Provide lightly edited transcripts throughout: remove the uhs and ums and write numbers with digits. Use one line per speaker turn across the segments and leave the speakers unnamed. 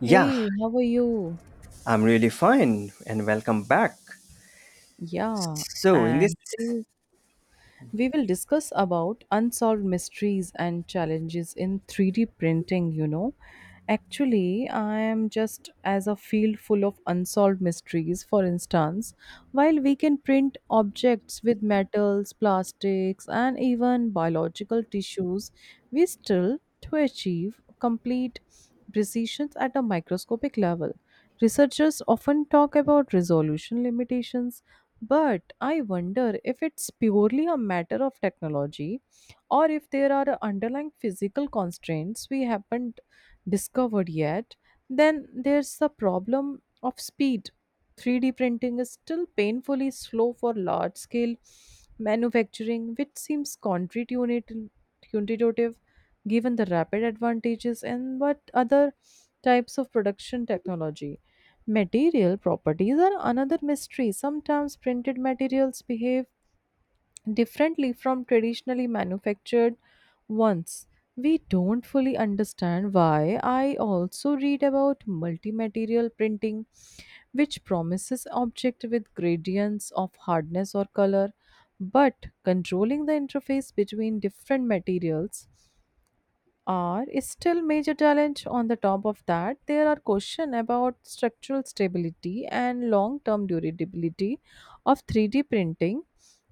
Yeah,
Hey, how are you?
I'm really fine and welcome back.
Yeah,
So, in this,
and today, We will discuss about unsolved mysteries and challenges in 3D printing. Actually, I am just as a field full of unsolved mysteries. For instance, while we can print objects with metals, plastics, and even biological tissues, we still to achieve complete precision at a microscopic level. Researchers often talk about resolution limitations, but I wonder if it's purely a matter of technology or if there are underlying physical constraints we haven't discovered yet. Then there's the problem of speed. 3D printing is still painfully slow for large scale manufacturing, which seems counterintuitive given the rapid advantages and what other types of production technology. Material properties are another mystery. Sometimes printed materials behave differently from traditionally manufactured ones. We don't fully understand why. I also read about multi material printing, which promises object with gradients of hardness or color, but controlling the interface between different materials are is still major challenge. On the top of that, there are question about structural stability and long term durability of 3D printing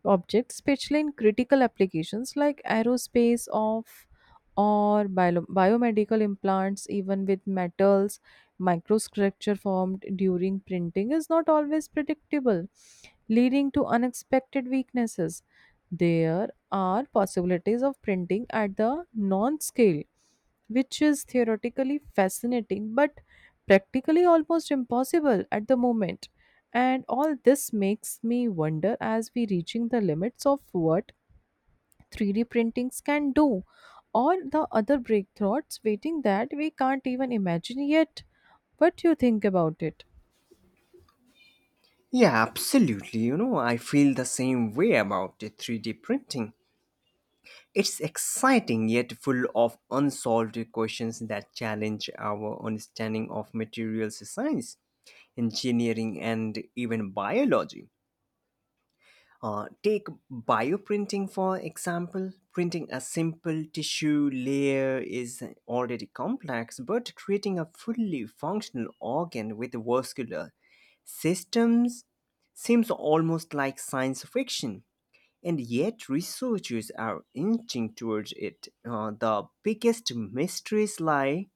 objects, especially in critical applications like aerospace of or biomedical implants. Even with metals, microstructure formed during printing is not always predictable, leading to unexpected weaknesses. There are possibilities of printing at the non scale, which is theoretically fascinating but practically almost impossible at the moment. And all this makes me wonder, as we reaching the limits of what 3D printings can do, or the other breakthroughs waiting that we can't even imagine yet. What do you think about it?
yeah, absolutely, you know, I feel the same way about the 3D printing. It's exciting yet full of unsolved questions that challenge our understanding of materials science, engineering, and even biology. Take bioprinting for example. Printing a simple tissue layer is already complex, but creating a fully functional organ with vascular systems seems almost like science fiction. And yet, researchers are inching towards it. The biggest mysteries lie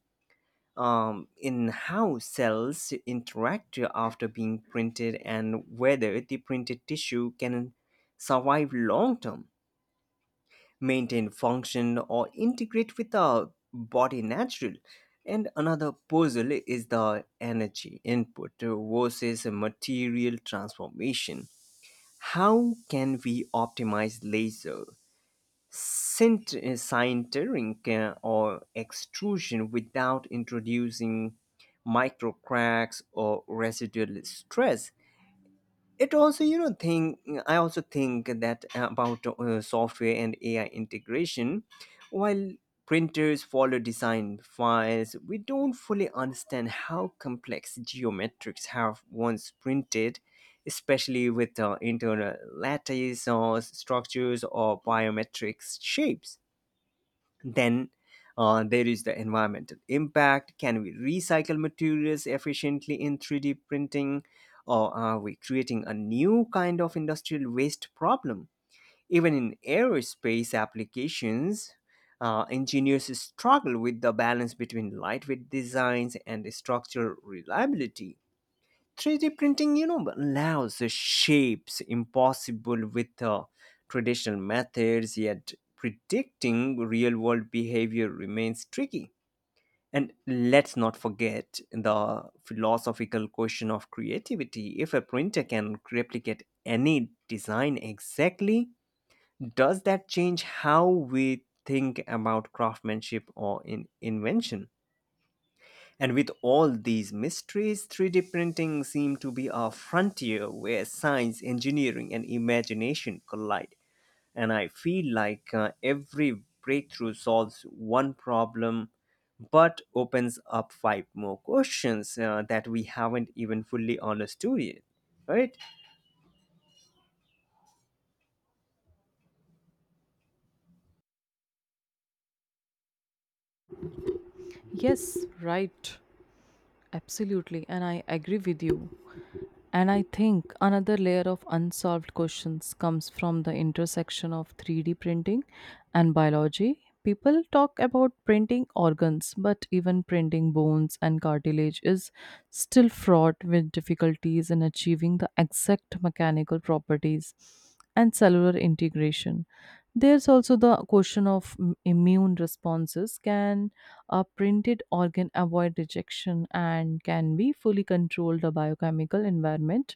in how cells interact after being printed and whether the printed tissue can survive long term, maintain function, or integrate with the body natural. And another puzzle is the energy input versus material transformation. How can we optimize laser sintering or extrusion without introducing micro cracks or residual stress it also you know think I also think that about software and AI integration while printers follow design files. We don't fully understand how complex geometrics have once printed, especially with internal lattice or structures or biometric shapes. Then There is the environmental impact. Can we recycle materials efficiently in 3D printing? Or are we creating a new kind of industrial waste problem? Even in aerospace applications, engineers struggle with the balance between lightweight designs and structural reliability. 3D printing, you know, allows shapes impossible with traditional methods, yet predicting real world behavior remains tricky. And let's not forget the philosophical question of creativity. If a printer can replicate any design exactly, does that change how we think about craftsmanship or invention? And with all these mysteries, 3D printing seemed to be a frontier where science, engineering, and imagination collide. And I feel like every breakthrough solves one problem but opens up five more questions that we haven't even fully understood yet, right?
Yes, right. Absolutely. And I agree with you. And I think another layer of unsolved questions comes from the intersection of 3D printing and biology. People talk about printing organs, but even printing bones and cartilage is still fraught with difficulties in achieving the exact mechanical properties and cellular integration. There's also the question of immune responses. Can a printed organ avoid rejection, and can be fully controlled the biochemical environment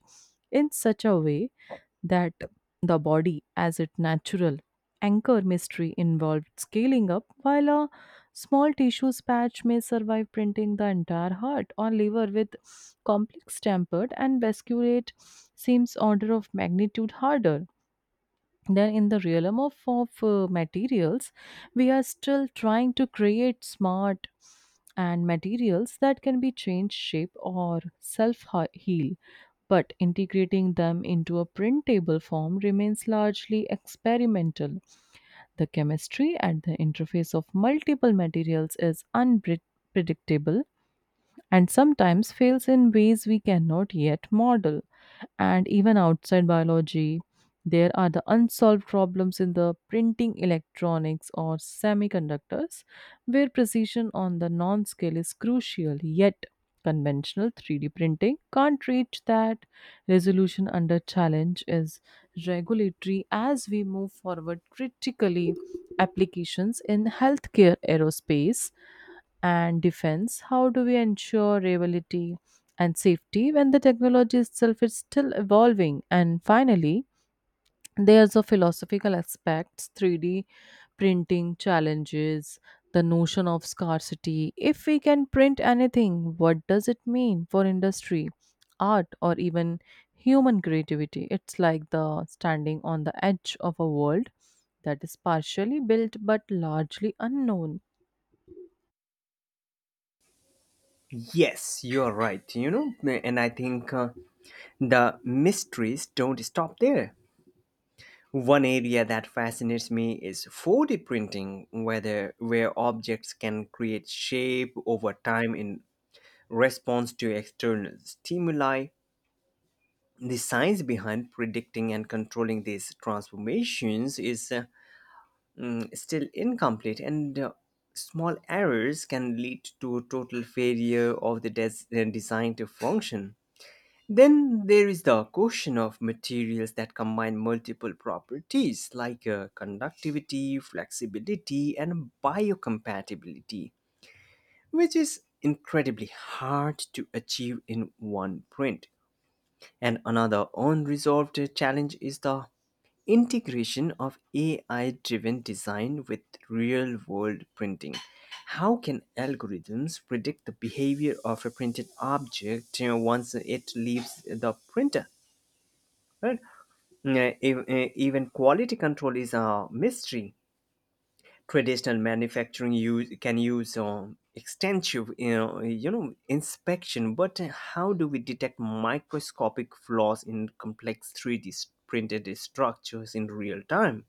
in such a way that the body as its natural anchor mystery involved scaling up, while a small tissue patch may survive printing the entire heart or liver with complex tempered and vasculate seems order of magnitude harder. Then in the realm of materials, we are still trying to create smart and materials that can be changed shape or self heal, but integrating them into a printable form remains largely experimental. The chemistry at the interface of multiple materials is unpredictable and sometimes fails in ways we cannot yet model. And even outside biology, there are the unsolved problems in the printing electronics or semiconductors, where precision on the non scale is crucial, yet conventional 3D printing can't reach that resolution. Under challenge is regulatory. As we move forward critically applications in healthcare, aerospace, and defense, how do we ensure reliability and safety when the technology itself is still evolving? And finally, there's a philosophical aspects 3D printing challenges, the notion of scarcity. If we can print anything, what does it mean for industry, art, or even human creativity? It's like the standing on the edge of a world that is partially built but largely unknown.
Yes, you're right, you know. And I think the mysteries don't stop there. One area that fascinates me is 4D printing, whether where objects can create shape over time in response to external stimuli. The science behind predicting and controlling these transformations is still incomplete, and small errors can lead to total failure of the design to function. Then there is the question of materials that combine multiple properties like conductivity, flexibility, and biocompatibility, which is incredibly hard to achieve in one print. And another unresolved challenge is the integration of AI driven design with real world printing. How can algorithms predict the behavior of a printed object, you know, once it leaves the printer? Right? Even quality control is a mystery. Traditional manufacturing use can use extensive, inspection, but how do we detect microscopic flaws in complex 3D D printed structures in real time?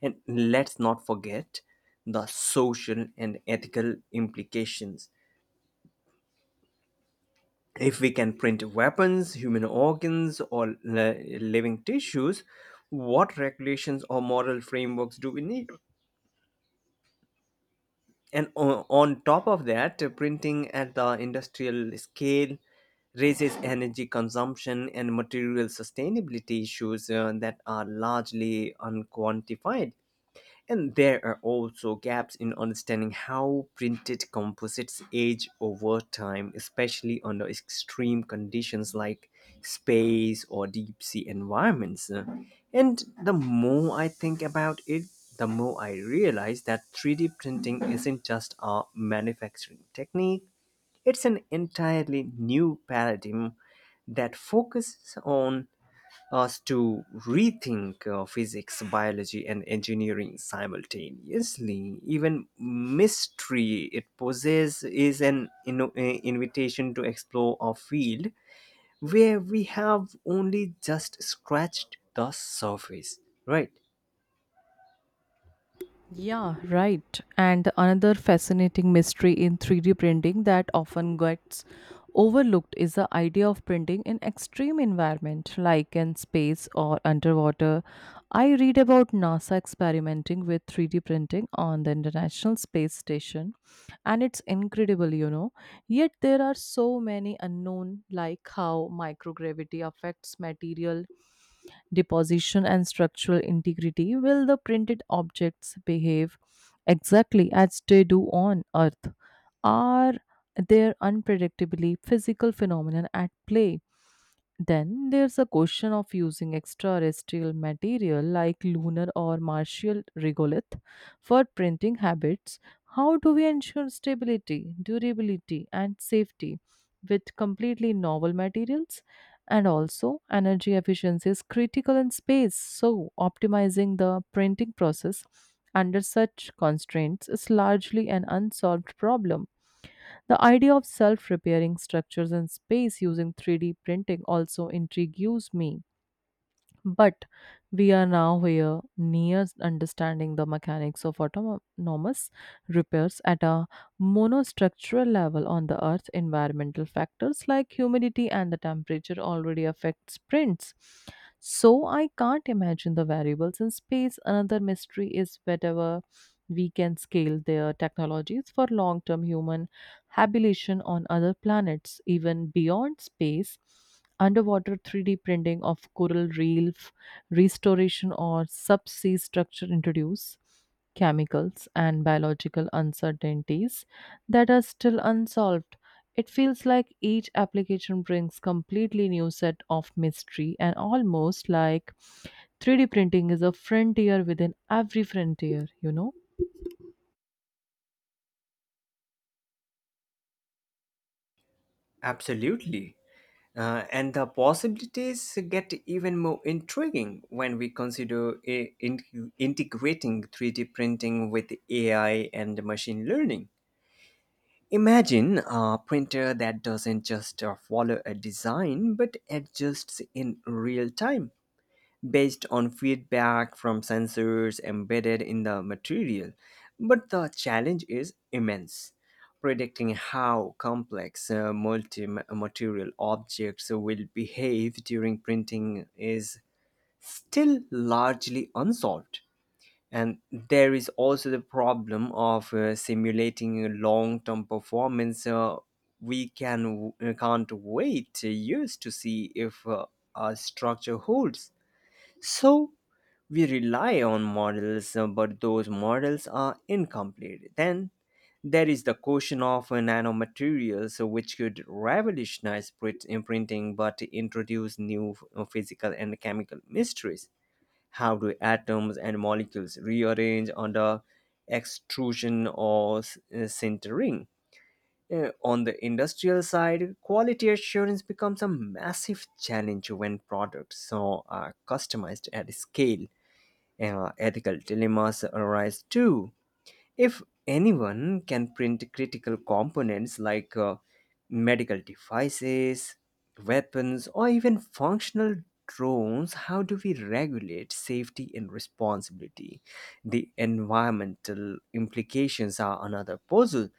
And let's not forget the social and ethical implications. If we can print weapons, human organs, or living tissues, what regulations or moral frameworks do we need? And on top of that, printing at the industrial scale raises energy consumption and material sustainability issues that are largely unquantified. And there are also gaps in understanding how printed composites age over time, especially under extreme conditions like space or deep sea environments. And the more I think about it, the more I realize that 3D printing isn't just a manufacturing technique, it's an entirely new paradigm that focuses on us to rethink physics, biology, and engineering simultaneously. Even mystery it poses is an invitation to explore a field where we have only just scratched the surface. Right?
Yeah, right. And another fascinating mystery in 3D printing that often gets overlooked is the idea of printing in extreme environment like in space or underwater. I read about NASA experimenting with 3D printing on the International Space Station, and it's incredible, you know. Yet there are so many unknown like how microgravity affects material deposition and structural integrity. Will the printed objects behave exactly as they do on Earth? Are there unpredictably physical phenomena at play? Then there's a question of using extraterrestrial material like lunar or martial regolith for printing habits. How do we ensure stability, durability, and safety with completely novel materials? And also, energy efficiency is critical in space, so optimizing the printing process under such constraints is largely an unsolved problem. The idea of self repairing structures in space using 3D printing also intrigues me. But we are now here near understanding the mechanics of autonomous repairs at a monostructural level on the Earth. Environmental factors like humidity and the temperature already affect sprints. So I can't imagine the variables in space. Another mystery is whatever we can scale their technologies for long term human habitation on other planets. Even beyond space, underwater 3D printing of coral reef restoration or subsea structure introduce chemicals and biological uncertainties that are still unsolved. It feels like each application brings completely new set of mystery, and almost like 3D printing is a frontier within every frontier, you know?
Absolutely. And the possibilities get even more intriguing when we consider integrating 3D printing with AI and machine learning. Imagine a printer that doesn't just follow a design but adjusts in real time based on feedback from sensors embedded in the material. But the challenge is immense. Predicting how complex multi material objects will behave during printing is still largely unsolved. And there is also the problem of simulating a long-term performance. We can't wait years to see if our structure holds. So we rely on models, but those models are incomplete. Then there is the question of nanomaterials, which could revolutionize imprinting, but introduce new physical and chemical mysteries. How do atoms and molecules rearrange under extrusion or sintering? On the industrial side, quality assurance becomes a massive challenge when products so are customized at scale. Ethical dilemmas arise too. If anyone can print critical components like medical devices, weapons, or even functional drones, how do we regulate safety and responsibility? The environmental implications are another puzzle.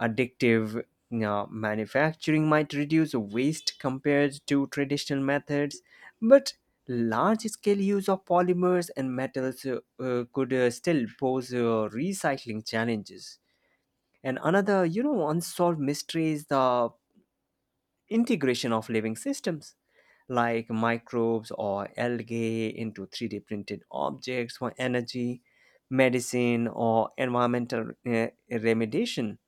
Addictive manufacturing might reduce waste compared to traditional methods, but large-scale use of polymers and metals could still pose recycling challenges. And another, you know, unsolved mystery is the integration of living systems like microbes or algae into 3D printed objects for energy, medicine, or environmental remediation.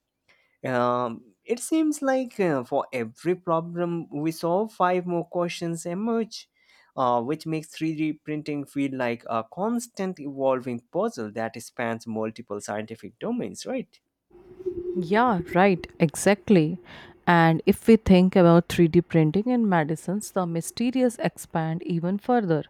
It seems like for every problem we solve, five more questions emerge, which makes 3D printing feel like a constant evolving puzzle that spans multiple scientific domains, right?
Yeah, right, exactly. And if we think about 3D printing in medicines, the mysterious expand even further.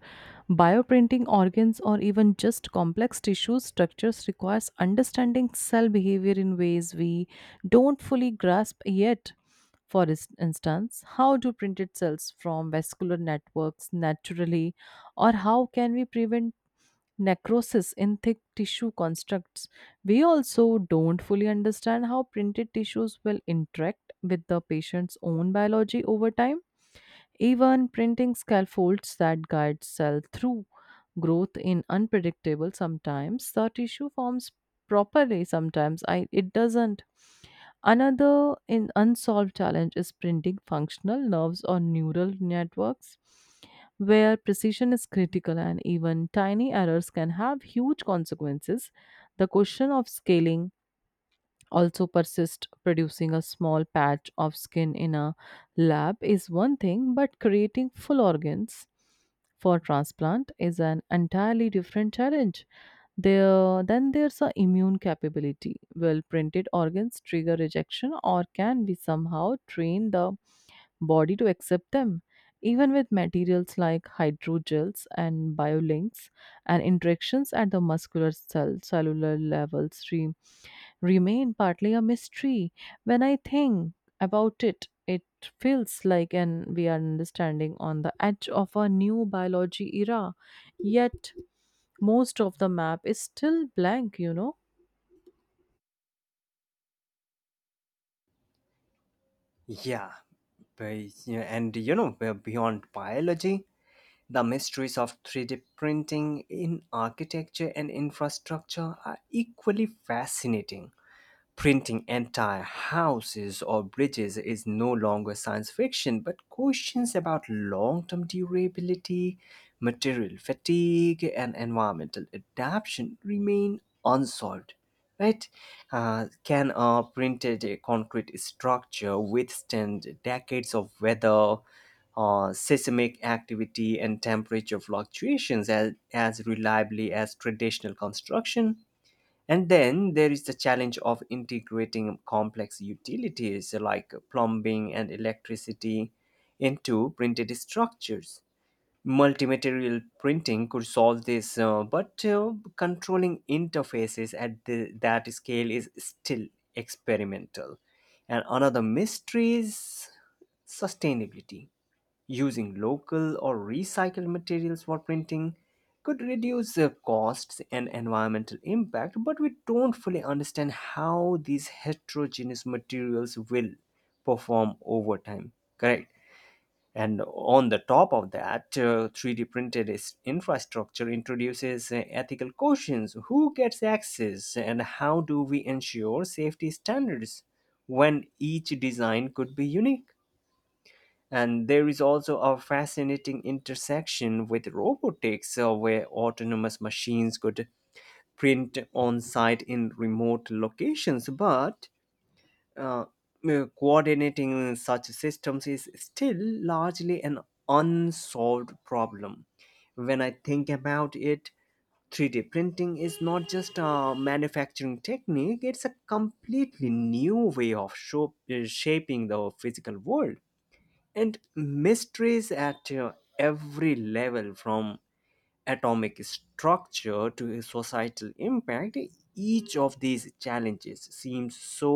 Bioprinting organs or even just complex tissue structures requires understanding cell behavior in ways we don't fully grasp yet. For instance, how do printed cells from vascular networks naturally, or how can we prevent necrosis in thick tissue constructs. We also don't fully understand how printed tissues will interact with the patient's own biology over time. Even printing scaffolds that guide cell through growth in unpredictable, sometimes the tissue forms properly, sometimes it doesn't. Another in unsolved challenge is printing functional nerves or neural networks, where precision is critical and even tiny errors can have huge consequences. The question of scaling also persists. Producing a small patch of skin in a lab is one thing, but creating full organs for transplant is an entirely different challenge. Then there's a immune capability. Well, printed organs trigger rejection, or can we somehow train the body to accept them? Even with materials like hydrogels and biolinks, and interactions at the muscular cellular levels remain partly a mystery. When I think about it, it feels like an we are understanding on the edge of a new biology era. Yet most of the map is still blank, you know.
Yeah. And you know, we're beyond biology. The mysteries of 3D printing in architecture and infrastructure are equally fascinating. Printing entire houses or bridges is no longer science fiction, but questions about long term durability, material fatigue, and environmental adaptation remain unsolved. Right? Can a printed concrete structure withstand decades of weather, seismic activity, and temperature fluctuations as reliably as traditional construction? And then there is the challenge of integrating complex utilities like plumbing and electricity into printed structures. Multimaterial printing could solve this, but controlling interfaces at that scale is still experimental. And another mystery is sustainability. Using local or recycled materials for printing could reduce the costs and environmental impact, but we don't fully understand how these heterogeneous materials will perform over time. Correct. And on the top of that, 3D printed infrastructure introduces ethical questions. Who gets access and how do we ensure safety standards when each design could be unique? And there is also a fascinating intersection with robotics, where autonomous machines could print on site in remote locations, but uh, coordinating such systems is still largely an unsolved problem. When I think about it, 3D printing is not just a manufacturing technique, it's a completely new way of shaping the physical world, and mysteries at every level from atomic structure to societal impact. Each of these challenges seems so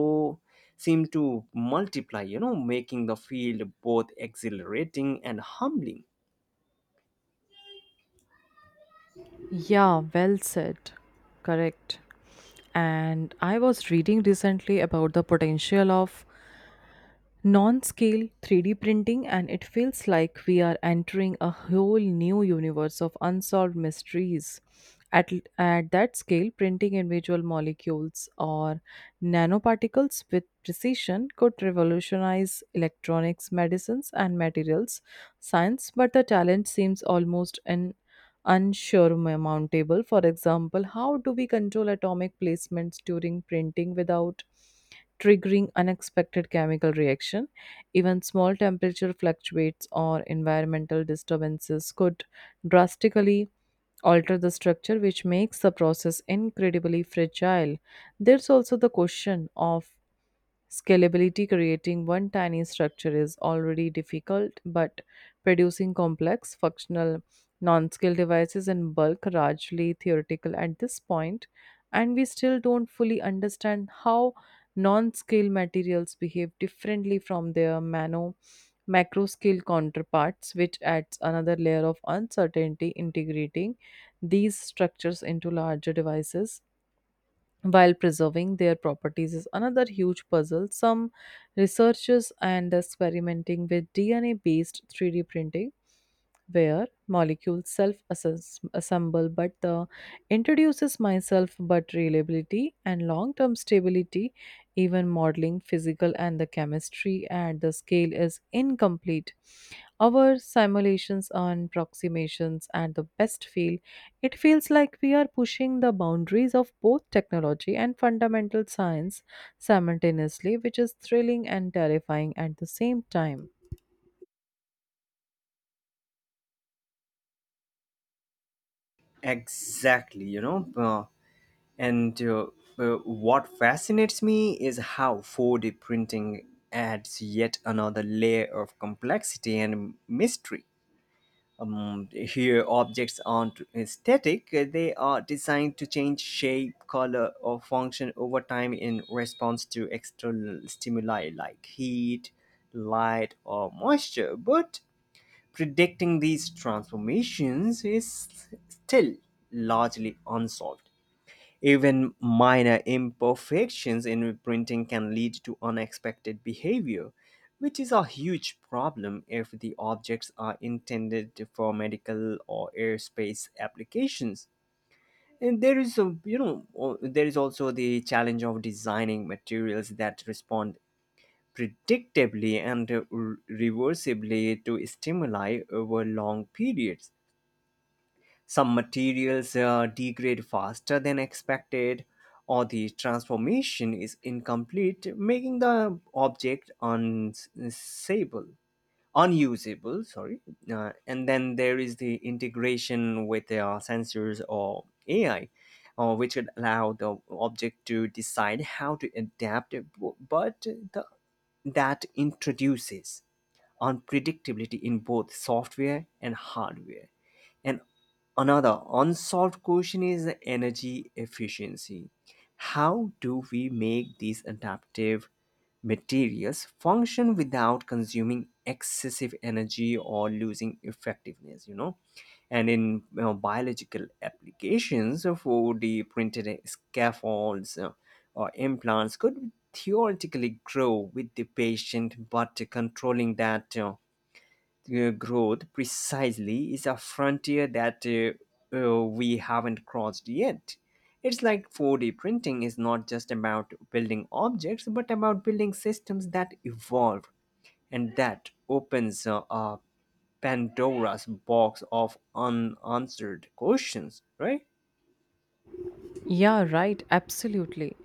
seem to multiply, you know, making the field both exhilarating and humbling.
Yeah, well said. Correct. And I was reading recently about the potential of non-scale 3D printing, and it feels like we are entering a whole new universe of unsolved mysteries. At that scale, printing individual molecules or nanoparticles with precision could revolutionize electronics, medicines, and materials science, but the talent seems almost in unsure amount table. For example, how do we control atomic placements during printing without triggering unexpected chemical reaction? Even small temperature fluctuates or environmental disturbances could drastically alter the structure, which makes the process incredibly fragile. There's also the question of scalability. Creating one tiny structure is already difficult, but producing complex, functional, non scale devices in bulk largely theoretical at this point, and we still don't fully understand how non scale materials behave differently from their mano macro scale counterparts, which adds another layer of uncertainty integrating these structures into larger devices while preserving their properties is another huge puzzle. Some researchers and experimenting with DNA based 3D printing where molecules self assemble, but the introduces myself but reliability and long term stability. Even modeling physical and the chemistry at the scale is incomplete. Our simulations and approximations at the best feel, it feels like we are pushing the boundaries of both technology and fundamental science simultaneously, which is thrilling and terrifying at the same time.
Exactly, you know. And What fascinates me is how 4D printing adds yet another layer of complexity and mystery. Here, objects aren't static, they are designed to change shape, color, or function over time in response to external stimuli like heat, light, or moisture. But predicting these transformations is still largely unsolved. Even minor imperfections in printing can lead to unexpected behavior, which is a huge problem if the objects are intended for medical or airspace applications. And there is a, you know, o- there is also the challenge of designing materials that respond predictably and reversibly to stimuli over long periods. Some materials degrade faster than expected, or the transformation is incomplete, making the object unusable. Sorry. And then there is the integration with sensors or AI, which would allow the object to decide how to adapt, but that introduces unpredictability in both software and hardware. And another unsolved question is the energy efficiency. How do we make these adaptive materials function without consuming excessive energy or losing effectiveness? You know, and in you know, biological applications, 4D printed scaffolds or implants could theoretically grow with the patient, but controlling that growth precisely is a frontier that we haven't crossed yet. It's like 4D printing is not just about building objects but about building systems that evolve, and that opens up Pandora's box of unanswered questions, right?
Yeah, right, absolutely.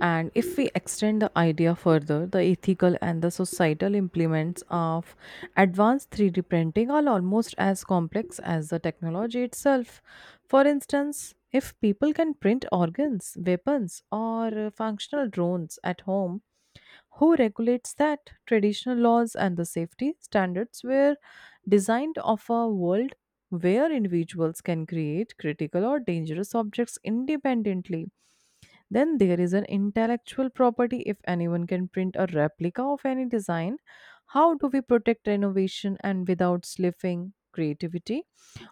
And if we extend the idea further, the ethical and the societal implements of advanced 3D printing are almost as complex as the technology itself. For instance, if people can print organs, weapons, or functional drones at home, who regulates that? Traditional laws and the safety standards were designed of a world where individuals can create critical or dangerous objects independently. Then there is an intellectual property. If anyone can print a replica of any design, how do we protect innovation and without slipping creativity?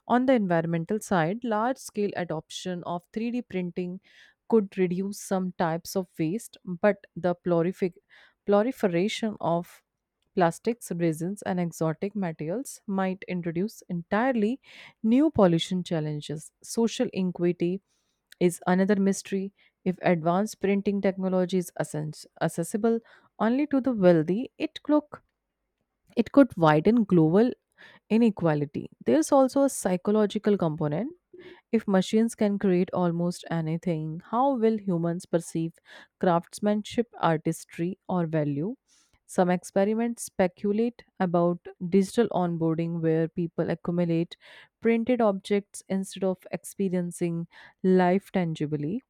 On the environmental side, large scale adoption of 3D printing could reduce some types of waste, but the proliferation of plastics, resins, and exotic materials might introduce entirely new pollution challenges. Social inequity is another mystery. If advanced printing technology is accessible only to the wealthy, it could widen global inequality. There's also a psychological component, if machines can create almost anything, how will humans perceive craftsmanship, artistry, or value? Some experiments speculate about digital onboarding where people accumulate printed objects instead of experiencing life tangibly.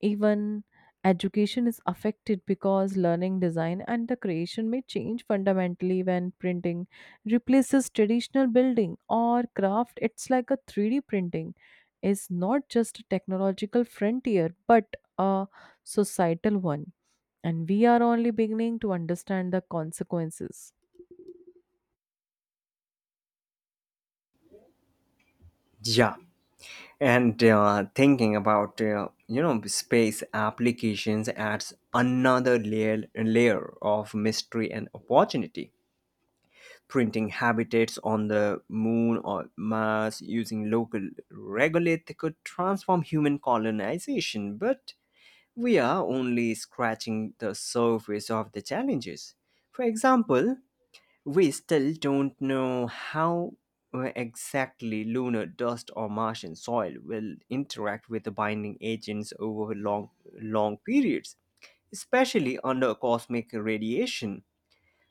Even education is affected because learning design and the creation may change fundamentally when printing replaces traditional building or craft. It's like a 3D printing is not just a technological frontier but a societal one, and we are only beginning to understand the consequences.
Yeah. And thinking about you know, space applications adds another layer of mystery and opportunity. Printing habitats on the moon or Mars using local regolith could transform human colonization, but we are only scratching the surface of the challenges. For example, we still don't know how exactly lunar dust or Martian soil will interact with the binding agents over long periods, especially under cosmic radiation.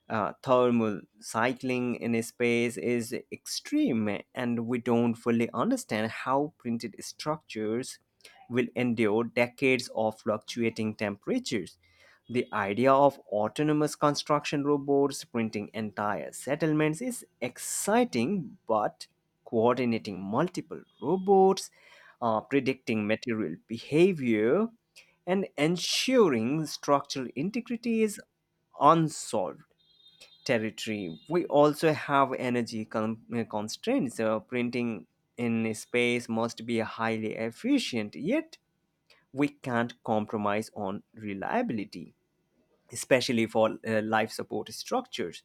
Thermal cycling in a space is extreme, and we don't fully understand how printed structures will endure decades of fluctuating temperatures. The idea of autonomous construction robots printing entire settlements is exciting, but coordinating multiple robots, predicting material behavior, and ensuring structural integrity is unsolved territory. We also have energy constraints. Printing in space must be highly efficient, yet we can't compromise on reliability, especially for life support structures.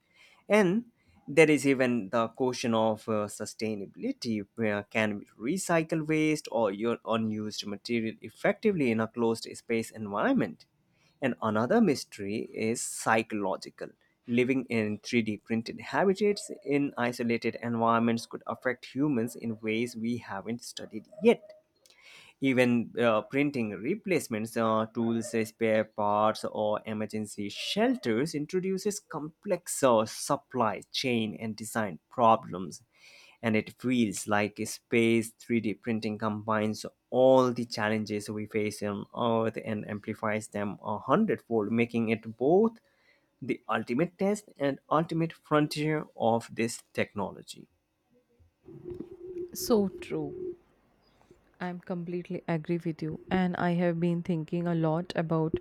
And there is even the question of sustainability. Where can we recycle waste or your unused material effectively in a closed space environment? And another mystery is psychological. Living in 3D printed habitats in isolated environments could affect humans in ways we haven't studied yet. Even printing replacements, tools, spare parts, or emergency shelters introduces complex supply chain and design problems. And it feels like space 3D printing combines all the challenges we face on earth and amplifies them a hundredfold, making it both the ultimate test and ultimate frontier of this technology.
So true. I'm completely agree with you, and I have been thinking a lot about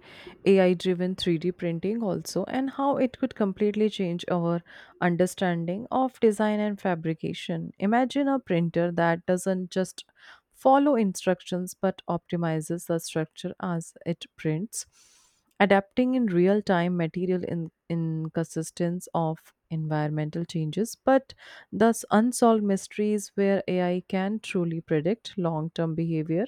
AI driven 3D printing also, and how it could completely change our understanding of design and fabrication. Imagine a printer that doesn't just follow instructions but optimizes the structure as it prints, adapting in real time material in consistence of environmental changes but thus, unsolved mysteries where AI can truly predict long term behavior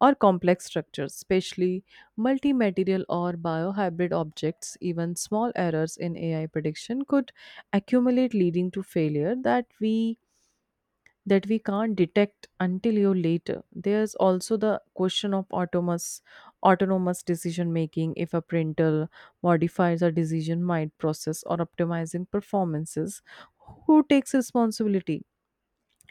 or complex structures, especially multi material or biohybrid objects. Even small errors in AI prediction could accumulate, leading to failure that we can't detect until you later. There's also the question of autonomous decision making. If a printer modifies a decision might process or optimizing performances, who takes responsibility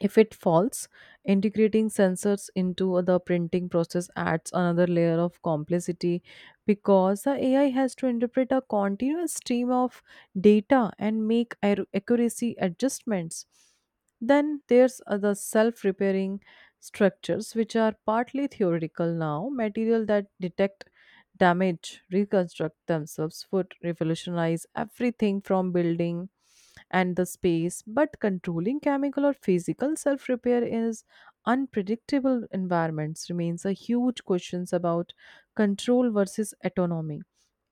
if it falls? Integrating sensors into the printing process adds another layer of complexity because the AI has to interpret a continuous stream of data and make accuracy adjustments. Then there's the self repairing structures, which are partly theoretical now, material that detect damage, reconstruct themselves, would revolutionize everything from building and the space, but controlling chemical or physical self repair is unpredictable environments remains a huge question about control versus autonomy.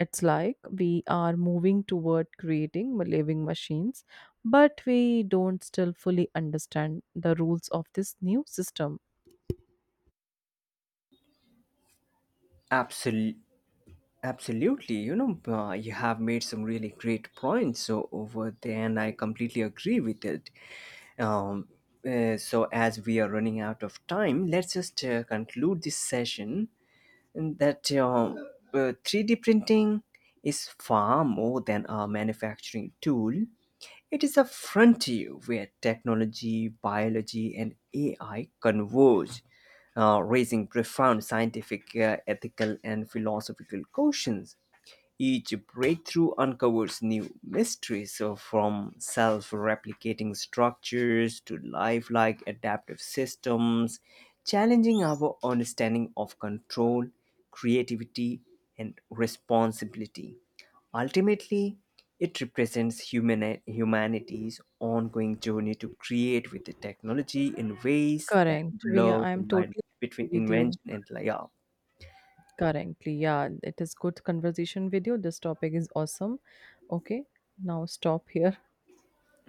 It's like we are moving toward creating living machines, but we don't still fully understand the rules of this new system.
absolutely Absolutely, you know, you have made some really great points so over there, and I completely agree with it. Um, so, as we are running out of time, let's just conclude this session that 3D printing is far more than a manufacturing tool. It is a frontier where technology, biology, and AI converge, raising profound scientific, ethical, and philosophical questions. Each breakthrough uncovers new mysteries, so from self replicating structures to lifelike adaptive systems, challenging our understanding of control, creativity, and responsibility. Ultimately, it represents humanity's ongoing journey to create with the technology in ways that
Correct. We
blur
I am
the line
totally
between
agree with you.
invention and layout.
Currently, yeah, it is good conversation with you. This topic is awesome. Okay, now stop here.